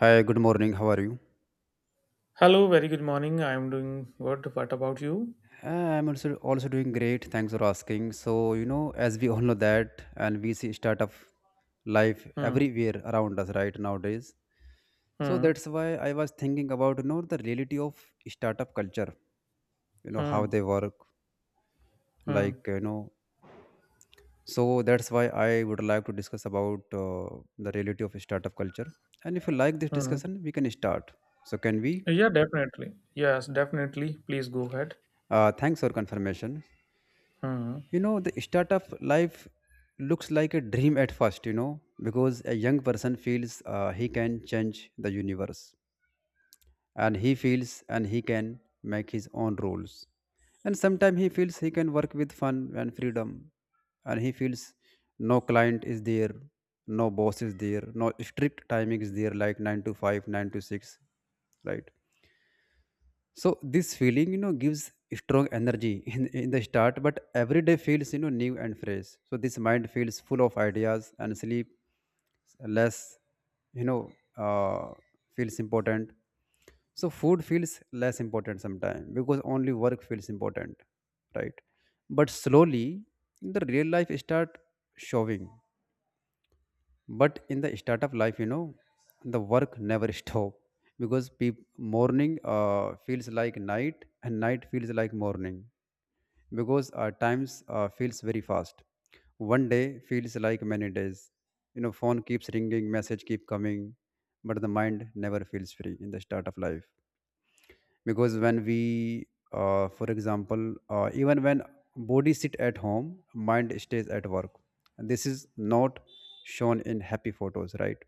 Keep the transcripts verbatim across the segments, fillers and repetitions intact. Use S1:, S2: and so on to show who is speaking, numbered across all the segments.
S1: Hi, good morning. How are you?
S2: Hello, very good morning. I'm doing good. What about you?
S1: Uh, I'm also also doing great. Thanks for asking. So, you know, as we all know that, and we see start of life
S2: Hmm,
S1: everywhere around us right nowadays. So
S2: hmm,
S1: that's why I was thinking about, you know, the reality of startup culture, you know, how
S2: hmm,
S1: they work,
S2: hmm,
S1: like, you know. So that's why I would like to discuss about uh, the reality of startup culture. And if you like this
S2: hmm.
S1: discussion, we can start. So can we?
S2: Yeah, definitely. Yes, definitely. Please go ahead.
S1: Uh, thanks for confirmation.
S2: Hmm.
S1: You know, the startup life looks like a dream at first, you know, because a young person feels uh, he can change the universe and he feels and he can make his own rules. And sometimes he feels he can work with fun and freedom, and he feels no client is there, no boss is there, no strict timing is there like nine to five, nine to six, right? So this feeling, you know, gives strong energy in, in the start, but every day feels, you know, new and fresh. So this mind feels full of ideas and sleep less, you know, uh, feels important. So food feels less important sometimes because only work feels important, right? But slowly, the real life start showing. But in the startup life, you know, the work never stop, because peop- morning uh, feels like night and night feels like morning, because uh, times uh, feels very fast. One day feels like many days. You know, phone keeps ringing, message keep coming, but the mind never feels free in the start of life. Because when we uh, for example, uh, even when body sit at home, mind stays at work, and this is not shown in happy photos, right?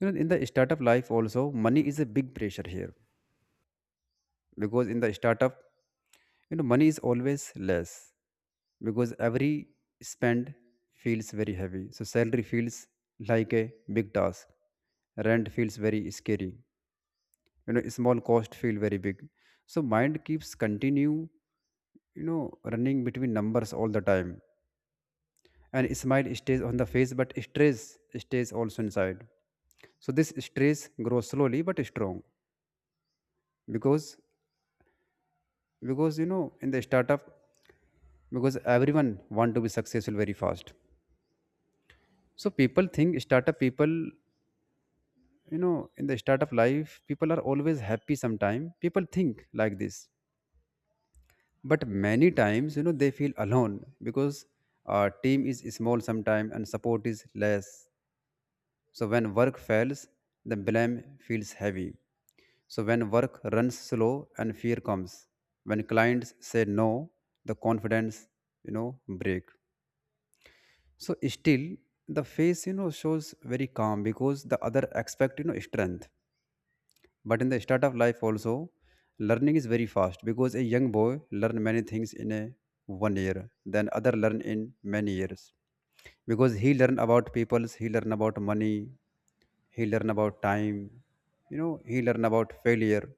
S1: You know, in the startup life also, money is a big pressure here, because in the startup, you know, money is always less, because every spend feels very heavy. So salary feels like a big task. Rent feels very scary. You know, small cost feel very big. So mind keeps continue, you know, running between numbers all the time. And smile stays on the face, but stress stays also inside. So this stress grows slowly but strong, because because you know, in the startup, because everyone want to be successful very fast. So people think startup people, you know, in the startup life people are always happy, sometime people think like this. But many times, you know, they feel alone, because our team is small sometime and support is less. So when work fails, the blame feels heavy. So when work runs slow and fear comes, when clients say no, the confidence, you know, break. So still, the face, you know, shows very calm, because the other expect, you know, strength. But in the start of life also, learning is very fast, because a young boy learn many things in a one year, then other learn in many years. Because he learn about peoples, he learn about money, he learn about time, you know, he learn about failure.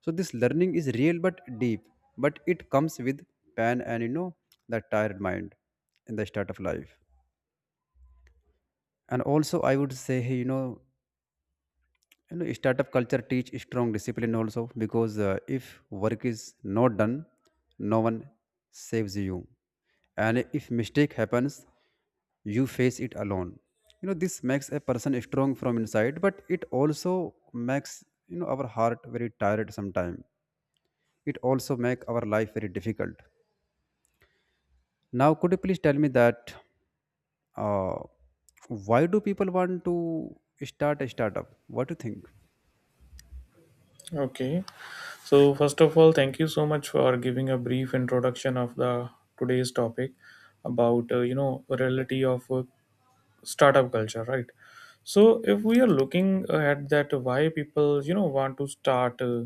S1: So this learning is real but deep, but it comes with pain, and you know, the tired mind in the start of life. And also, I would say hey, you know you know startup culture teach strong discipline also. Because uh, if work is not done, no one saves you. And if mistake happens, you face it alone. You know, this makes a person strong from inside, but it also makes, you know, our heart very tired sometime. It also make our life very difficult. Now could you please tell me that, uh, why do people want to start a startup? What do you think?
S2: Okay. So first of all, thank you so much for giving a brief introduction of the today's topic about uh, you know reality of uh, startup culture, right? So if we are looking at that why people, you know, want to start uh,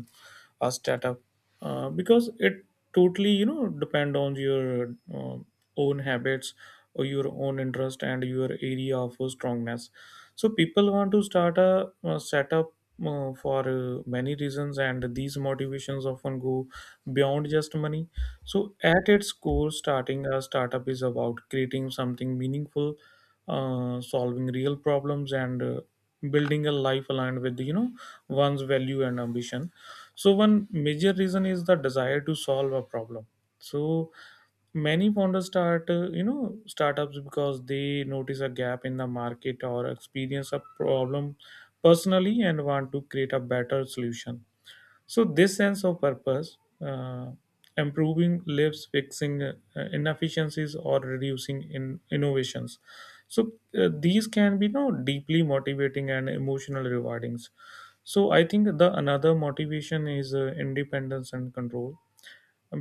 S2: a startup, uh, because it totally, you know, depend on your uh, own habits or your own interest and your area of strongness. So people want to start a, uh setup, uh, for uh, many reasons, and these motivations often go beyond just money. So at its core, starting a startup is about creating something meaningful, uh, solving real problems, and uh, building a life aligned with, you know, one's value and ambition. So one major reason is the desire to solve a problem. So many founders start uh, you know startups because they notice a gap in the market or experience a problem personally and want to create a better solution. So this sense of purpose, uh, improving lives, fixing uh, inefficiencies, or reducing in innovations. So uh, these can be, you know, deeply motivating and emotional rewardings. So I think the another motivation is uh, independence and control,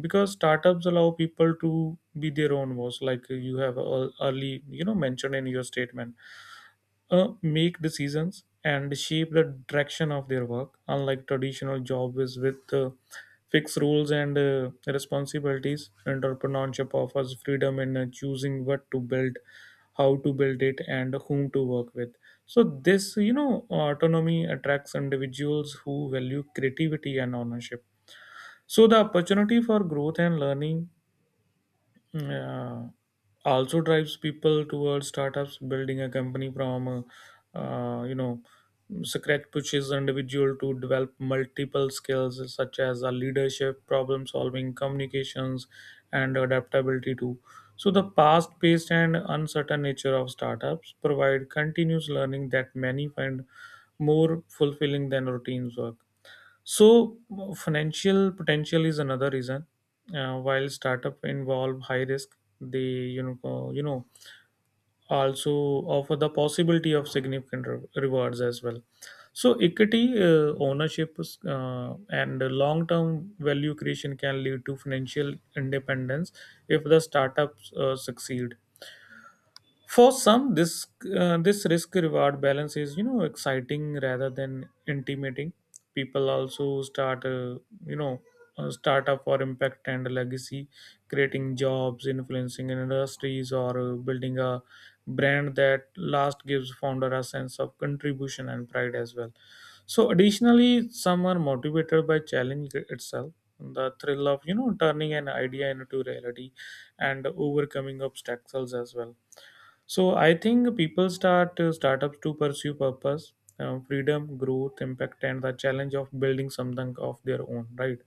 S2: because startups allow people to be their own boss, like you have ear- early, you know, mentioned in your statement, uh, make decisions and shape the direction of their work, unlike traditional jobs with uh, fixed rules and uh, responsibilities. Entrepreneurship offers freedom in uh, choosing what to build, how to build it, and whom to work with. So this, you know, autonomy attracts individuals who value creativity and ownership. So the opportunity for growth and learning, yeah, also drives people towards startups. Building a company from, uh, uh, you know, scratch pushes individual to develop multiple skills such as uh, leadership, problem solving, communications, and adaptability too. So the fast-paced and uncertain nature of startups provide continuous learning that many find more fulfilling than routine work. So financial potential is another reason. Uh, while startup involve high risk, they you know uh, you know also offer the possibility of significant re- rewards as well. So, equity uh, ownership, uh, and long term value creation can lead to financial independence if the startups uh, succeed. For some, this uh, this risk reward balance is, you know, exciting rather than intimidating. People also start uh, you know uh, startup for impact and legacy, creating jobs, influencing industries, or uh, building a brand that last gives founder a sense of contribution and pride as well. So additionally, some are motivated by challenge itself, the thrill of, you know, turning an idea into reality, and overcoming obstacles as well. So I think people start uh, startups to pursue purpose, uh, freedom, growth, impact, and the challenge of building something of their own, right?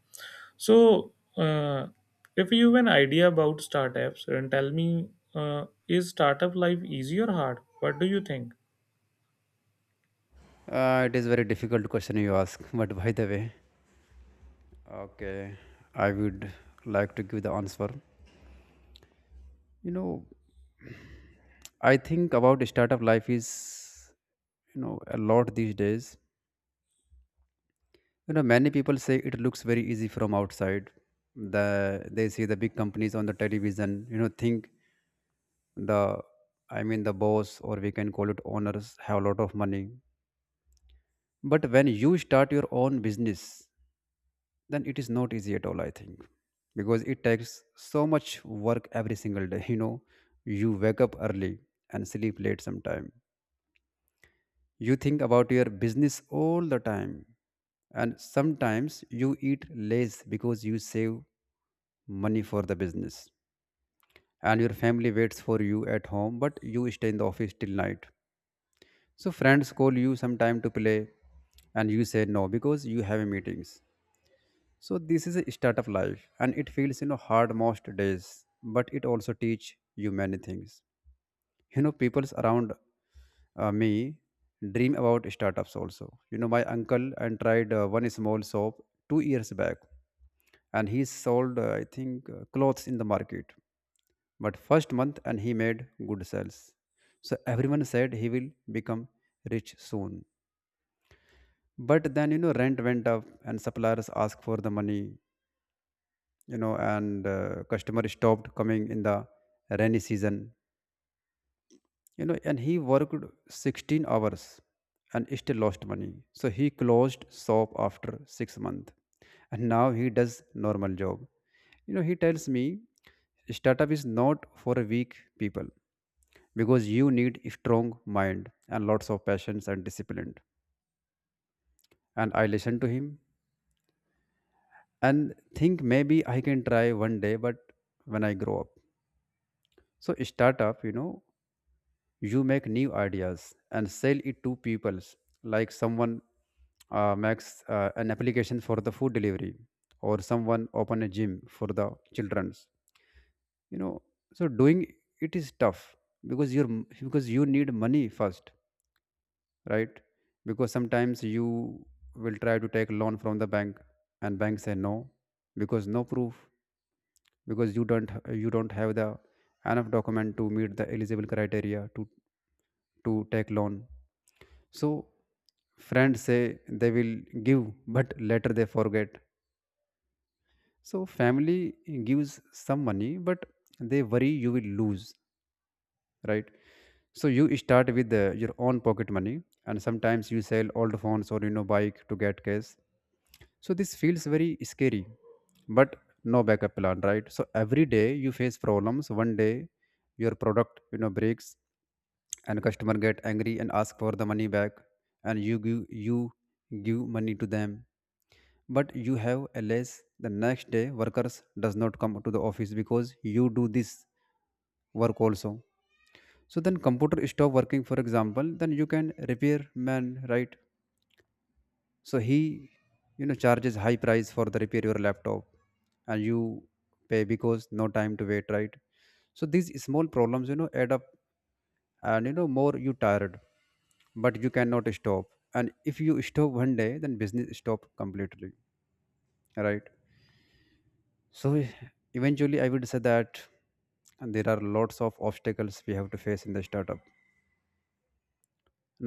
S2: So uh, if you have an idea about startups, then tell me, uh, is startup life easy or hard? What do you think?
S1: Uh, it is very difficult question you ask, but by the way, okay, I would like to give the answer. You know, I think about startup life is, you know, a lot these days. You know, many people say it looks very easy from outside. The they see the big companies on the television. You know, think the, I mean the boss, or we can call it owners, have a lot of money. But when you start your own business, then it is not easy at all, I think. Because it takes so much work every single day. You know, you wake up early and sleep late sometime. You think about your business all the time. And sometimes you eat less because you save money for the business. And your family waits for you at home, but you stay in the office till night. So friends call you sometime to play, and you say no because you have meetings. So this is a startup life, and it feels, you know, hard most days, but it also teach you many things. You know, people's around uh, me dream about startups also. You know, my uncle and tried uh, one small shop two years back, and he sold uh, I think uh, clothes in the market. But first month and he made good sales. So everyone said he will become rich soon. But then, you know, rent went up and suppliers asked for the money. You know, and uh, customer stopped coming in the rainy season. You know, and he worked sixteen hours and still lost money, so he closed shop after six months. And now he does normal job. You know, he tells me startup is not for weak people, because you need a strong mind and lots of patience and discipline. And I listen to him and think maybe I can try one day, but when I grow up. So startup, you know, you make new ideas and sell it to people. Like someone uh, makes uh, an application for the food delivery, or someone open a gym for the children's, you know. So doing it is tough, because you're because you need money first, right? Because sometimes you will try to take loan from the bank, and bank say no, because no proof, because you don't you don't have the enough document to meet the eligible criteria to to take loan. So friends say they will give, but later they forget. So family gives some money, but they worry you will lose, right? So you start with uh, your own pocket money, and sometimes you sell old phones or, you know, bike to get cash. So this feels very scary, but no backup plan, right? So every day you face problems. One day your product, you know, breaks, and customer get angry and ask for the money back, and you give you give money to them. But you have a less. The next day, workers does not come to the office, because you do this work also. So then computer stop working, for example. Then you can repair man, right? So he, you know, charges high price for the repair your laptop, and you pay because no time to wait, right? So these small problems, you know, add up, and you know, more you tired, but you cannot stop. And if you stop one day, then business stop completely, right? So e- eventually, I would say that there are lots of obstacles we have to face in the startup.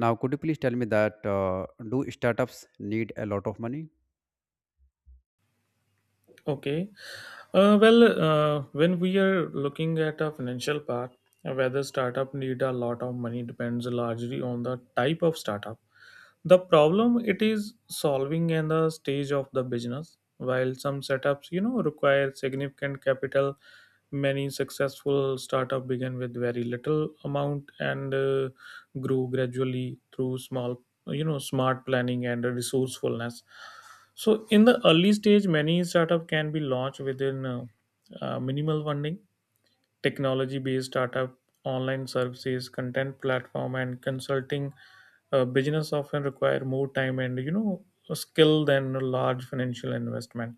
S1: Now could you please tell me that, uh, do startups need a lot of money?
S2: Okay. Uh, well, uh, when we are looking at a financial part, uh, whether startup need a lot of money depends largely on the type of startup, the problem it is solving in the stage of the business. While some setups, you know, require significant capital, many successful startup begin with very little amount and uh, grew gradually through small, you know, smart planning and resourcefulness. So in the early stage, many startup can be launched within uh, uh, minimal funding. Technology-based startup, online services, content platform, and consulting uh, business often require more time and, you know, skill than a large financial investment.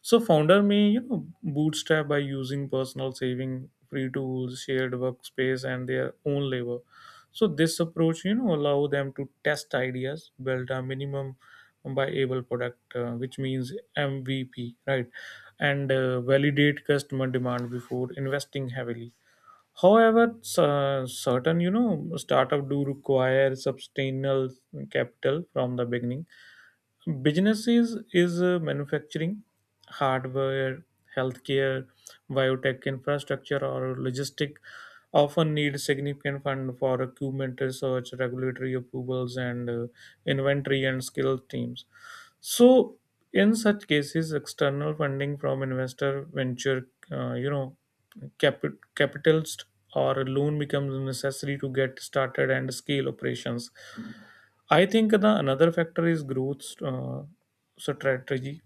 S2: So founder may, you know, bootstrap by using personal saving, free tools, shared workspace, and their own labor. So this approach, you know, allow them to test ideas, build a minimum viable product, uh, which means M V P, right? and uh, validate customer demand before investing heavily. However, cer- certain, you know, startup do require substantial capital from the beginning. Businesses is uh, manufacturing, hardware, healthcare, biotech infrastructure, or logistic often need significant fund for equipment research, regulatory approvals, and uh, inventory and skilled teams. So in such cases, external funding from investor, venture, uh, you know, capi- capitalist or a loan becomes necessary to get started and scale operations. I think the another factor is growth uh, so strategy,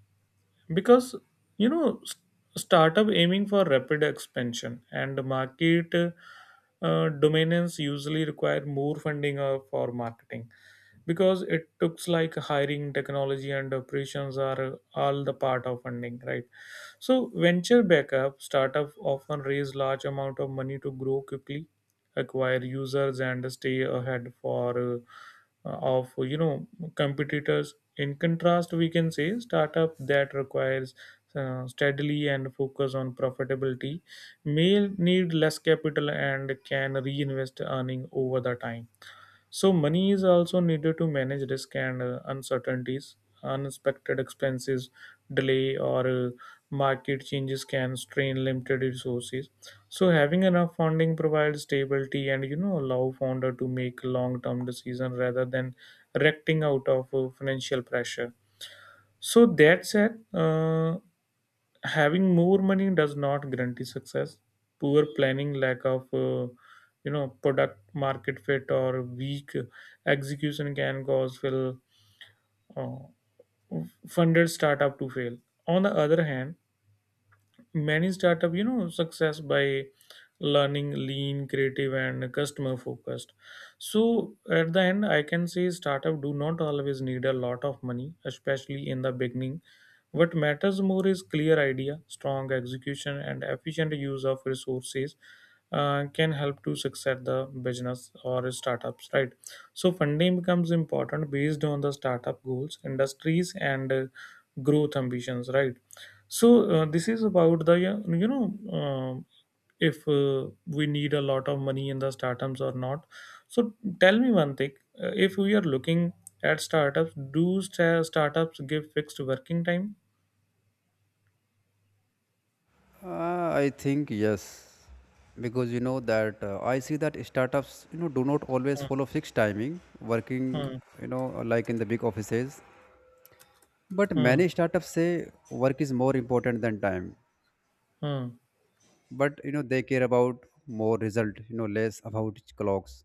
S2: because, you know, s- startup aiming for rapid expansion and market uh, dominance usually require more funding uh, for marketing, because it looks like hiring technology and operations are all the part of funding, right? So venture backup startup often raise large amount of money to grow quickly, acquire users, and stay ahead for, uh, of, you know, competitors. In contrast, we can say startup that requires uh, steadily and focus on profitability may need less capital and can reinvest earning over the time. So money is also needed to manage risk and uh, uncertainties. Unexpected expenses, delay, or uh, market changes can strain limited resources. So having enough funding provides stability and, you know, allow founder to make long-term decision rather than reacting out of uh, financial pressure. So that said, uh, having more money does not guarantee success. Poor planning, lack of uh, you know product market fit, or weak execution can cause will uh, funded startup to fail. On the other hand, many startup, you know, success by learning lean creative and customer focused. So at the end, I can say startup do not always need a lot of money, especially in the beginning. What matters more is clear idea, strong execution, and efficient use of resources. Uh, can help to succeed the business or startups, right? So funding becomes important based on the startup goals industries and uh, growth ambitions right so uh, this is about the, yeah, you know um if uh, we need a lot of money in the startups or not. So tell me one thing: uh, if we are looking at startups, do sta- startups give fixed working time?
S1: Uh, I think yes, because you know that uh, I see that startups, you know, do not always
S2: Hmm,
S1: follow fixed timing, working,
S2: hmm,
S1: you know, like in the big offices. But
S2: hmm,
S1: many startups say work is more important than time.
S2: hmm.
S1: But you know, they care about more result, you know, less about clocks.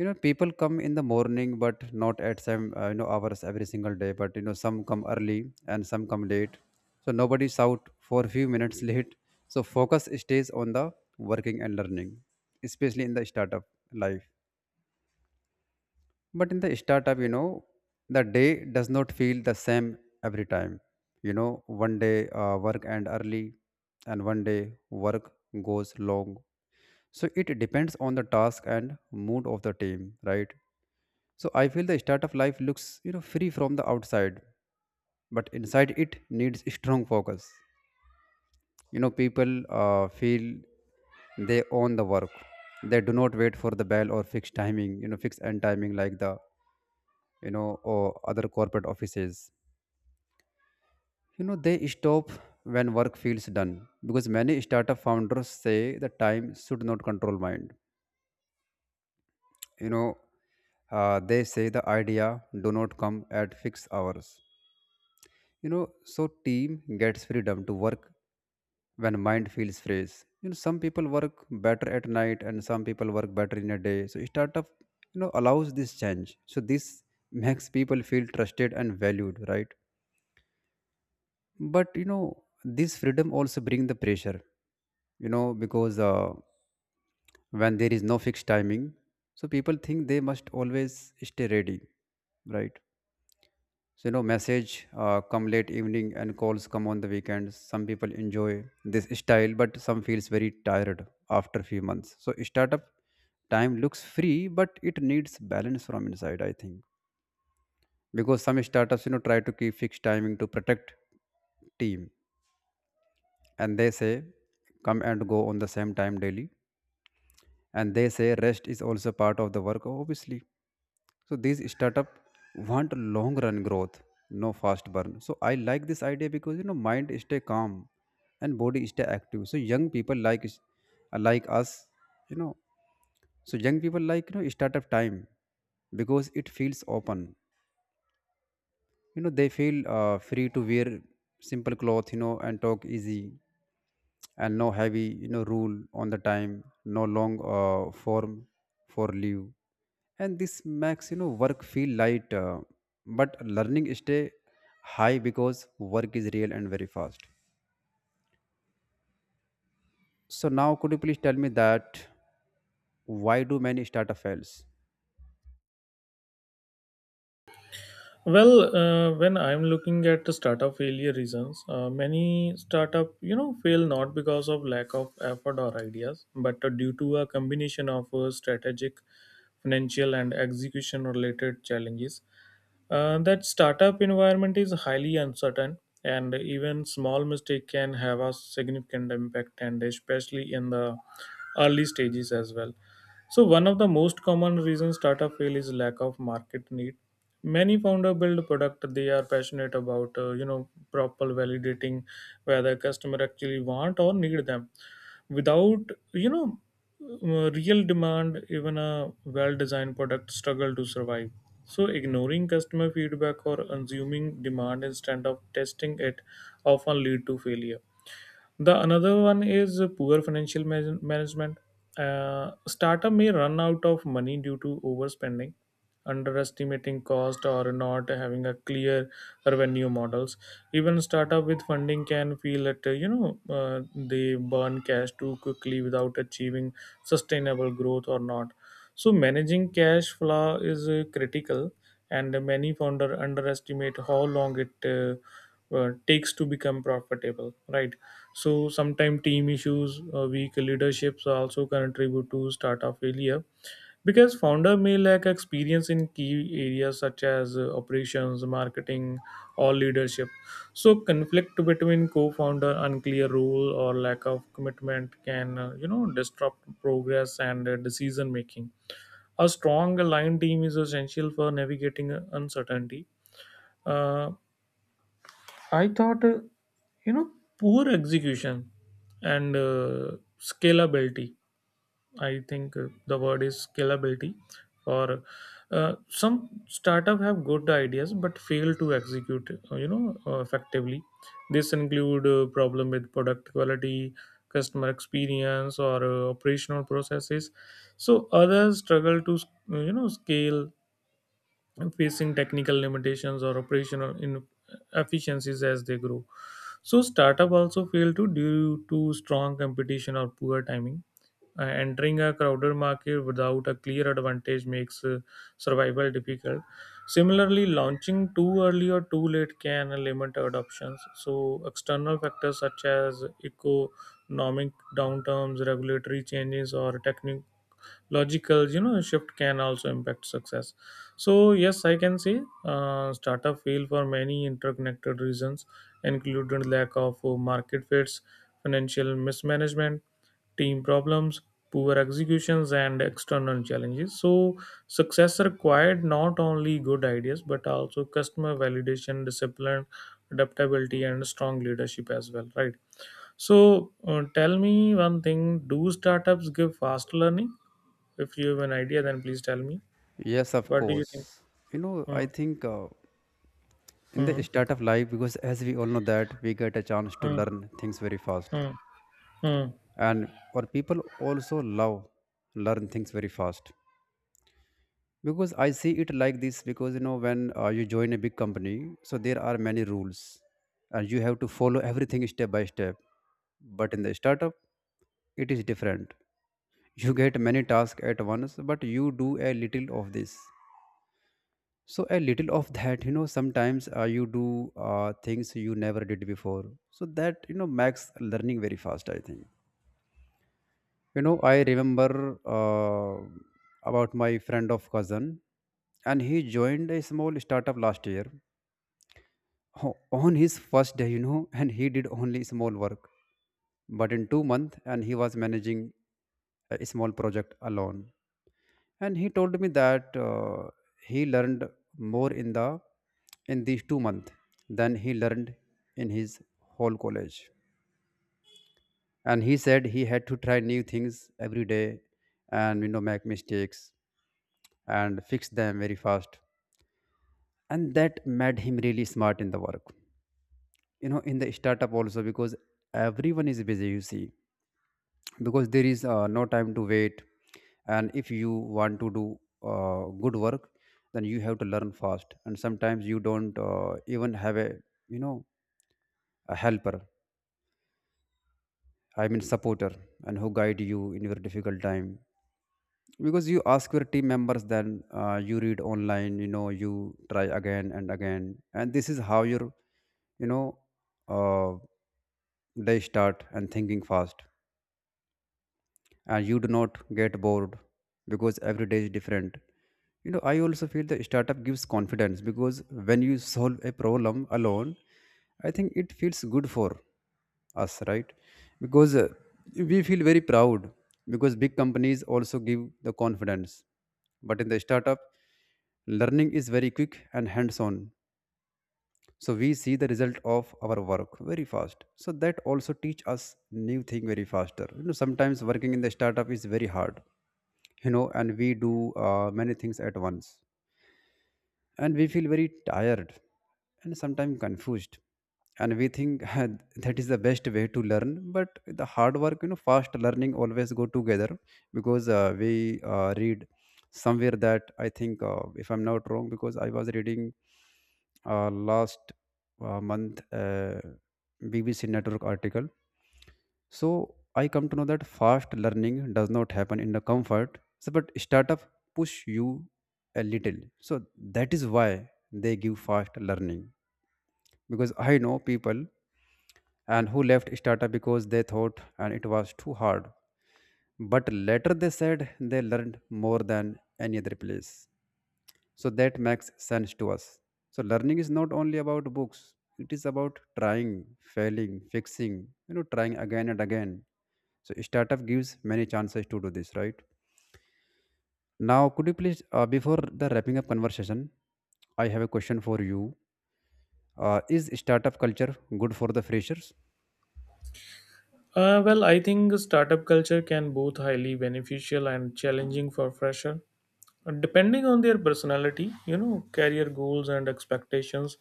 S1: You know, people come in the morning, but not at same, uh, you know, hours every single day. But you know, some come early and some come late. So nobody's out for a few minutes late. So focus stays on the working and learning, especially in the startup life. But in the startup, you know, the day does not feel the same every time. You know, one day uh, work and early, and one day work goes long. So it depends on the task and mood of the team, right? So I feel the start of life looks, you know, free from the outside, but inside it needs strong focus. You know, people uh, feel they own the work. They do not wait for the bell or fixed timing, you know, fixed end timing like the, you know, or other corporate offices. You know, they stop when work feels done, because many startup founders say the time should not control mind. You know, uh, they say the idea do not come at fixed hours. You know, so team gets freedom to work when mind feels fresh. You know, some people work better at night and some people work better in a day. So startup, you know, allows this change. So this makes people feel trusted and valued, right? But you know, this freedom also bring the pressure. You know, because uh, when there is no fixed timing, so people think they must always stay ready, right? So, you know, message uh, come late evening and calls come on the weekends. Some people enjoy this style, but some feels very tired after few months. So, startup time looks free, but it needs balance from inside, I think. Because some startups, you know, try to keep fixed timing to protect team. And they say come and go on the same time daily. And they say rest is also part of the work, obviously. So these startup want long run growth, no fast burn. So I like this idea because you know mind stay calm and body stay active. So young people like is- like us, you know. So young people like you know startup time because it feels open. You know they feel uh, free to wear simple cloth, you know and talk easy, and no heavy you know rule on the time, no long uh, form for leave. And this makes you know work feel light, uh, but learning stay high because work is real and very fast. So now could you please tell me that, why do many startup fails?
S2: Well, uh, when I'm looking at the startup failure reasons, uh, many startup, you know, fail not because of lack of effort or ideas, but uh, due to a combination of uh, strategic, financial, and execution related challenges. Uh, that startup environment is highly uncertain, and even small mistake can have a significant impact, and especially in the early stages as well. So one of the most common reasons startup fail is lack of market need. Many founder build product they are passionate about, uh, you know, proper validating whether customer actually want or need them. Without, you know, uh, real demand, even a well designed product struggle to survive. So ignoring customer feedback or assuming demand instead of testing it often lead to failure. The another one is poor financial man management. Uh, startup may run out of money due to overspending, underestimating cost, or not having a clear revenue models. Even startup with funding can feel that uh, you know uh, they burn cash too quickly without achieving sustainable growth or not. So managing cash flow is uh, critical, and many founder underestimate how long it uh, uh, takes to become profitable. Right, so sometimes team issues, uh, weak leaderships also contribute to startup failure, because founder may lack experience in key areas such as uh, operations, marketing, or leadership. So conflict between co-founder, unclear role, or lack of commitment can uh, you know disrupt progress and uh, decision making. A strong aligned team is essential for navigating uncertainty. Uh, I thought, uh, you know, poor execution and uh, scalability. I think uh, the word is scalability. Or uh, some startup have good ideas but fail to execute, uh, you know, uh, effectively. This include uh, problem with product quality, customer experience, or uh, operational processes. So others struggle to, uh, you know, scale, facing technical limitations or operational inefficiencies as they grow. So startup also fail to due to strong competition or poor timing. Uh, entering a crowded market without a clear advantage makes uh, survival difficult. Similarly, launching too early or too late can limit adoptions. So external factors such as economic downturns, regulatory changes, or technical logical, you know, shift can also impact success. So yes, I can say uh, startup fail for many interconnected reasons including lack of, uh, market fits, financial mismanagement, team problems, poor executions, and external challenges. So success required not only good ideas but also customer validation, discipline, adaptability, and strong leadership as well, right? So uh, tell me one thing: do startups give fast learning? If you have an idea, then please tell me.
S1: Yes, of
S2: What do you think?
S1: course. you know I
S2: Hmm.
S1: think, uh, in
S2: Hmm.
S1: the start of life, because as we all know that we get a chance to
S2: Hmm.
S1: learn things very fast.
S2: Hmm. Hmm.
S1: And or people also love learn things very fast, because I see it like this, because you know when uh, you join a big company, so there are many rules and you have to follow everything step by step. But in the startup, it is different. You get many tasks at once, but you do a little of this. So a little of that, you know, sometimes uh, you do uh, things you never did before. So that you know makes learning very fast, I think. You know, I remember, uh, about my friend of cousin. And he joined a small startup last year o- on his first day. You know, and he did only small work, but in two months, and he was managing a small project alone. And he told me that, uh, he learned more in the in these two months than he learned in his whole college. And he said he had to try new things every day, and you know make mistakes and fix them very fast, and that made him really smart in the work. you know in the startup also, because everyone is busy, you see, because there is uh, no time to wait. And if you want to do uh, good work, then you have to learn fast, and sometimes you don't uh, even have a you know a helper, I mean supporter, and who guide you in your difficult time. Because you ask your team members, then uh, you read online, you know you try again and again, and this is how your you know uh, day start and thinking fast, and you do not get bored because every day is different. you know I also feel the startup gives confidence, because when you solve a problem alone, I think it feels good for us, right? Because uh, we feel very proud, because big companies also give the confidence, but in the startup learning is very quick and hands on. So we see the result of our work very fast, so that also teach us new thing very faster. You know sometimes working in the startup is very hard, you know and we do uh, many things at once, and we feel very tired and sometimes confused, and we think that is the best way to learn. But the hard work, you know fast learning always go together. Because uh, we uh, read somewhere that I think, uh, if I'm not wrong, because I was reading uh, last uh, month uh, BBC network article. So I come to know that fast learning does not happen in the comfort. So but startup push you a little, so that is why they give fast learning. Because I know people and who left startup because they thought and it was too hard, but later they said they learned more than any other place. So that makes sense to us. So learning is not only about books, it is about trying, failing, fixing, you know trying again and again. So startup gives many chances to do this, right? Now could you please, uh, before the wrapping up conversation, I have a question for you: uh, is startup culture good for the freshers?
S2: Uh, well, I think startup culture can both highly beneficial and challenging for fresher. Uh, Depending on their personality, you know, career goals and expectations.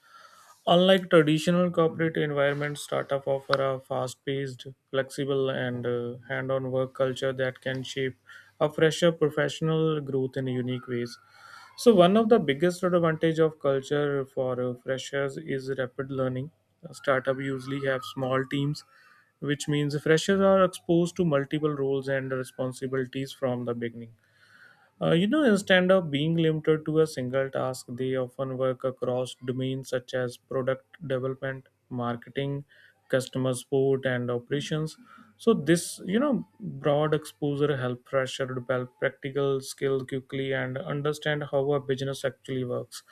S2: Unlike traditional corporate environments, startup offer a fast-paced, flexible, and uh, hands-on work culture that can shape a fresher professional growth in unique ways. So one of the biggest advantage of culture for uh, freshers is rapid learning. A startup usually have small teams, which means freshers are exposed to multiple roles and responsibilities from the beginning. Uh, you know, instead of being limited to a single task, they often work across domains such as product development, marketing, customer support, and operations. So this, you know, broad exposure help fresher develop practical skill quickly and understand how a business actually works.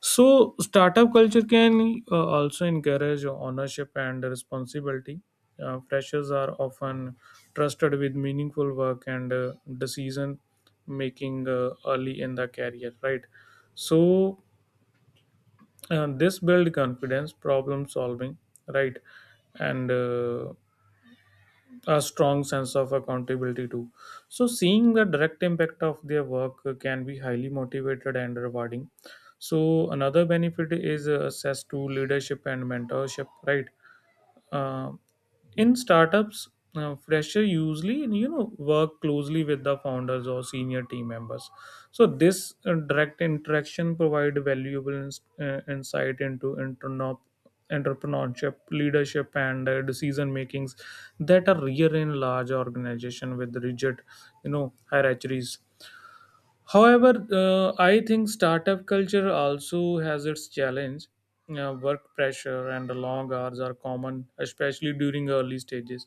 S2: So startup culture can uh, also encourage ownership and responsibility. Uh, freshers are often trusted with meaningful work and uh, decision making uh, early in the career, right? So, uh, this build confidence, problem solving, right? And uh, a strong sense of accountability too. So seeing the direct impact of their work can be highly motivated and rewarding. So another benefit is uh, access to leadership and mentorship, right? Uh, in startups, uh, fresher usually, you know, work closely with the founders or senior team members. So this uh, direct interaction provide valuable ins- uh, insight into entrepreneur entrepreneurship leadership and uh, decision makings that are rare in large organization with rigid, you know, hierarchies. However, uh, I think startup culture also has its challenge. Uh, work pressure and long hours are common, especially during early stages.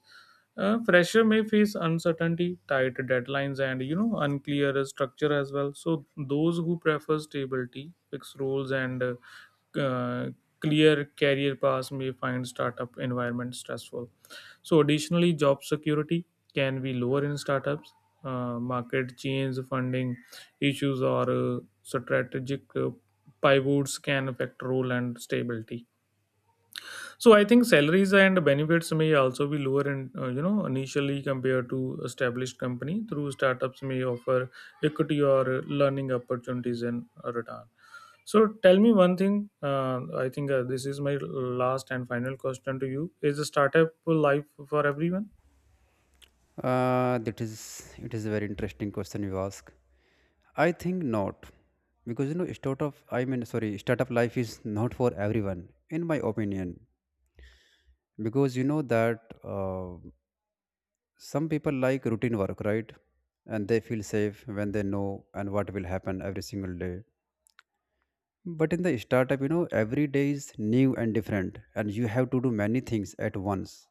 S2: Uh, fresher may face uncertainty, tight deadlines, and, you know, unclear structure as well. So those who prefer stability, fixed roles, and uh, uh, clear career paths may find startup environment stressful. So additionally, job security can be lower in startups. Uh, market change, funding issues, or uh, strategic uh, pivots can affect role and stability. So I think salaries and benefits may also be lower in, uh, you know, initially compared to established company. Through startups may offer equity or uh, learning opportunities in return. So tell me one thing. Uh, I think uh, this is my last and final question to you: Is the startup life for everyone?
S1: Uh, that is, it is a very interesting question you ask. I think not, because you know, startup. I mean, sorry, startup life is not for everyone, in my opinion, because you know that uh, some people like routine work, right? And they feel safe when they know and what will happen every single day. But in the startup, you know, every day is new and different, and you have to do many things at once.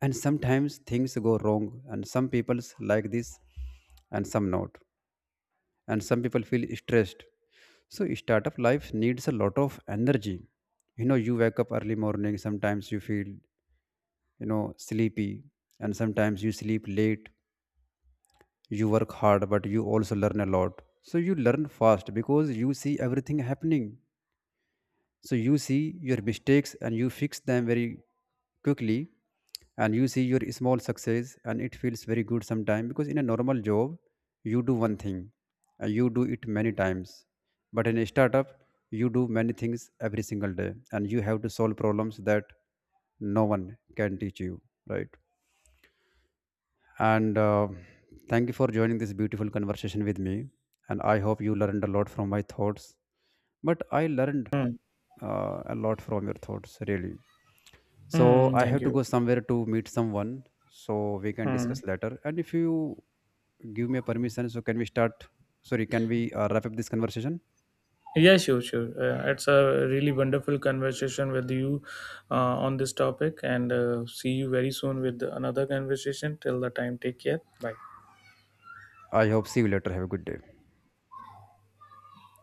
S1: And sometimes things go wrong, and some people's like this, and some not, and some people feel stressed. So startup life needs a lot of energy. You know you wake up early morning, sometimes you feel you know sleepy, and sometimes you sleep late. You work hard, but you also learn a lot. So you learn fast because you see everything happening. So you see your mistakes, and you fix them very quickly. And you see your small success, and it feels very good sometime. Because in a normal job you do one thing, and you do it many times. But in a startup, you do many things every single day, and you have to solve problems that no one can teach you, right? And uh, thank you for joining this beautiful conversation with me, and I hope you learned a lot from my thoughts. But I learned uh, a lot from your thoughts, really. So
S2: Mm,
S1: I
S2: thank
S1: have to
S2: you.
S1: go somewhere to meet someone. So we can
S2: Mm.
S1: discuss later. And if you give me a permission, so can we start, sorry, can we uh, wrap up this conversation?
S2: Yeah, sure, sure. Uh, it's a really wonderful conversation with you uh, on this topic, and uh, see you very soon with another conversation. Till the time, take care. Bye.
S1: I hope see you later, have a good day.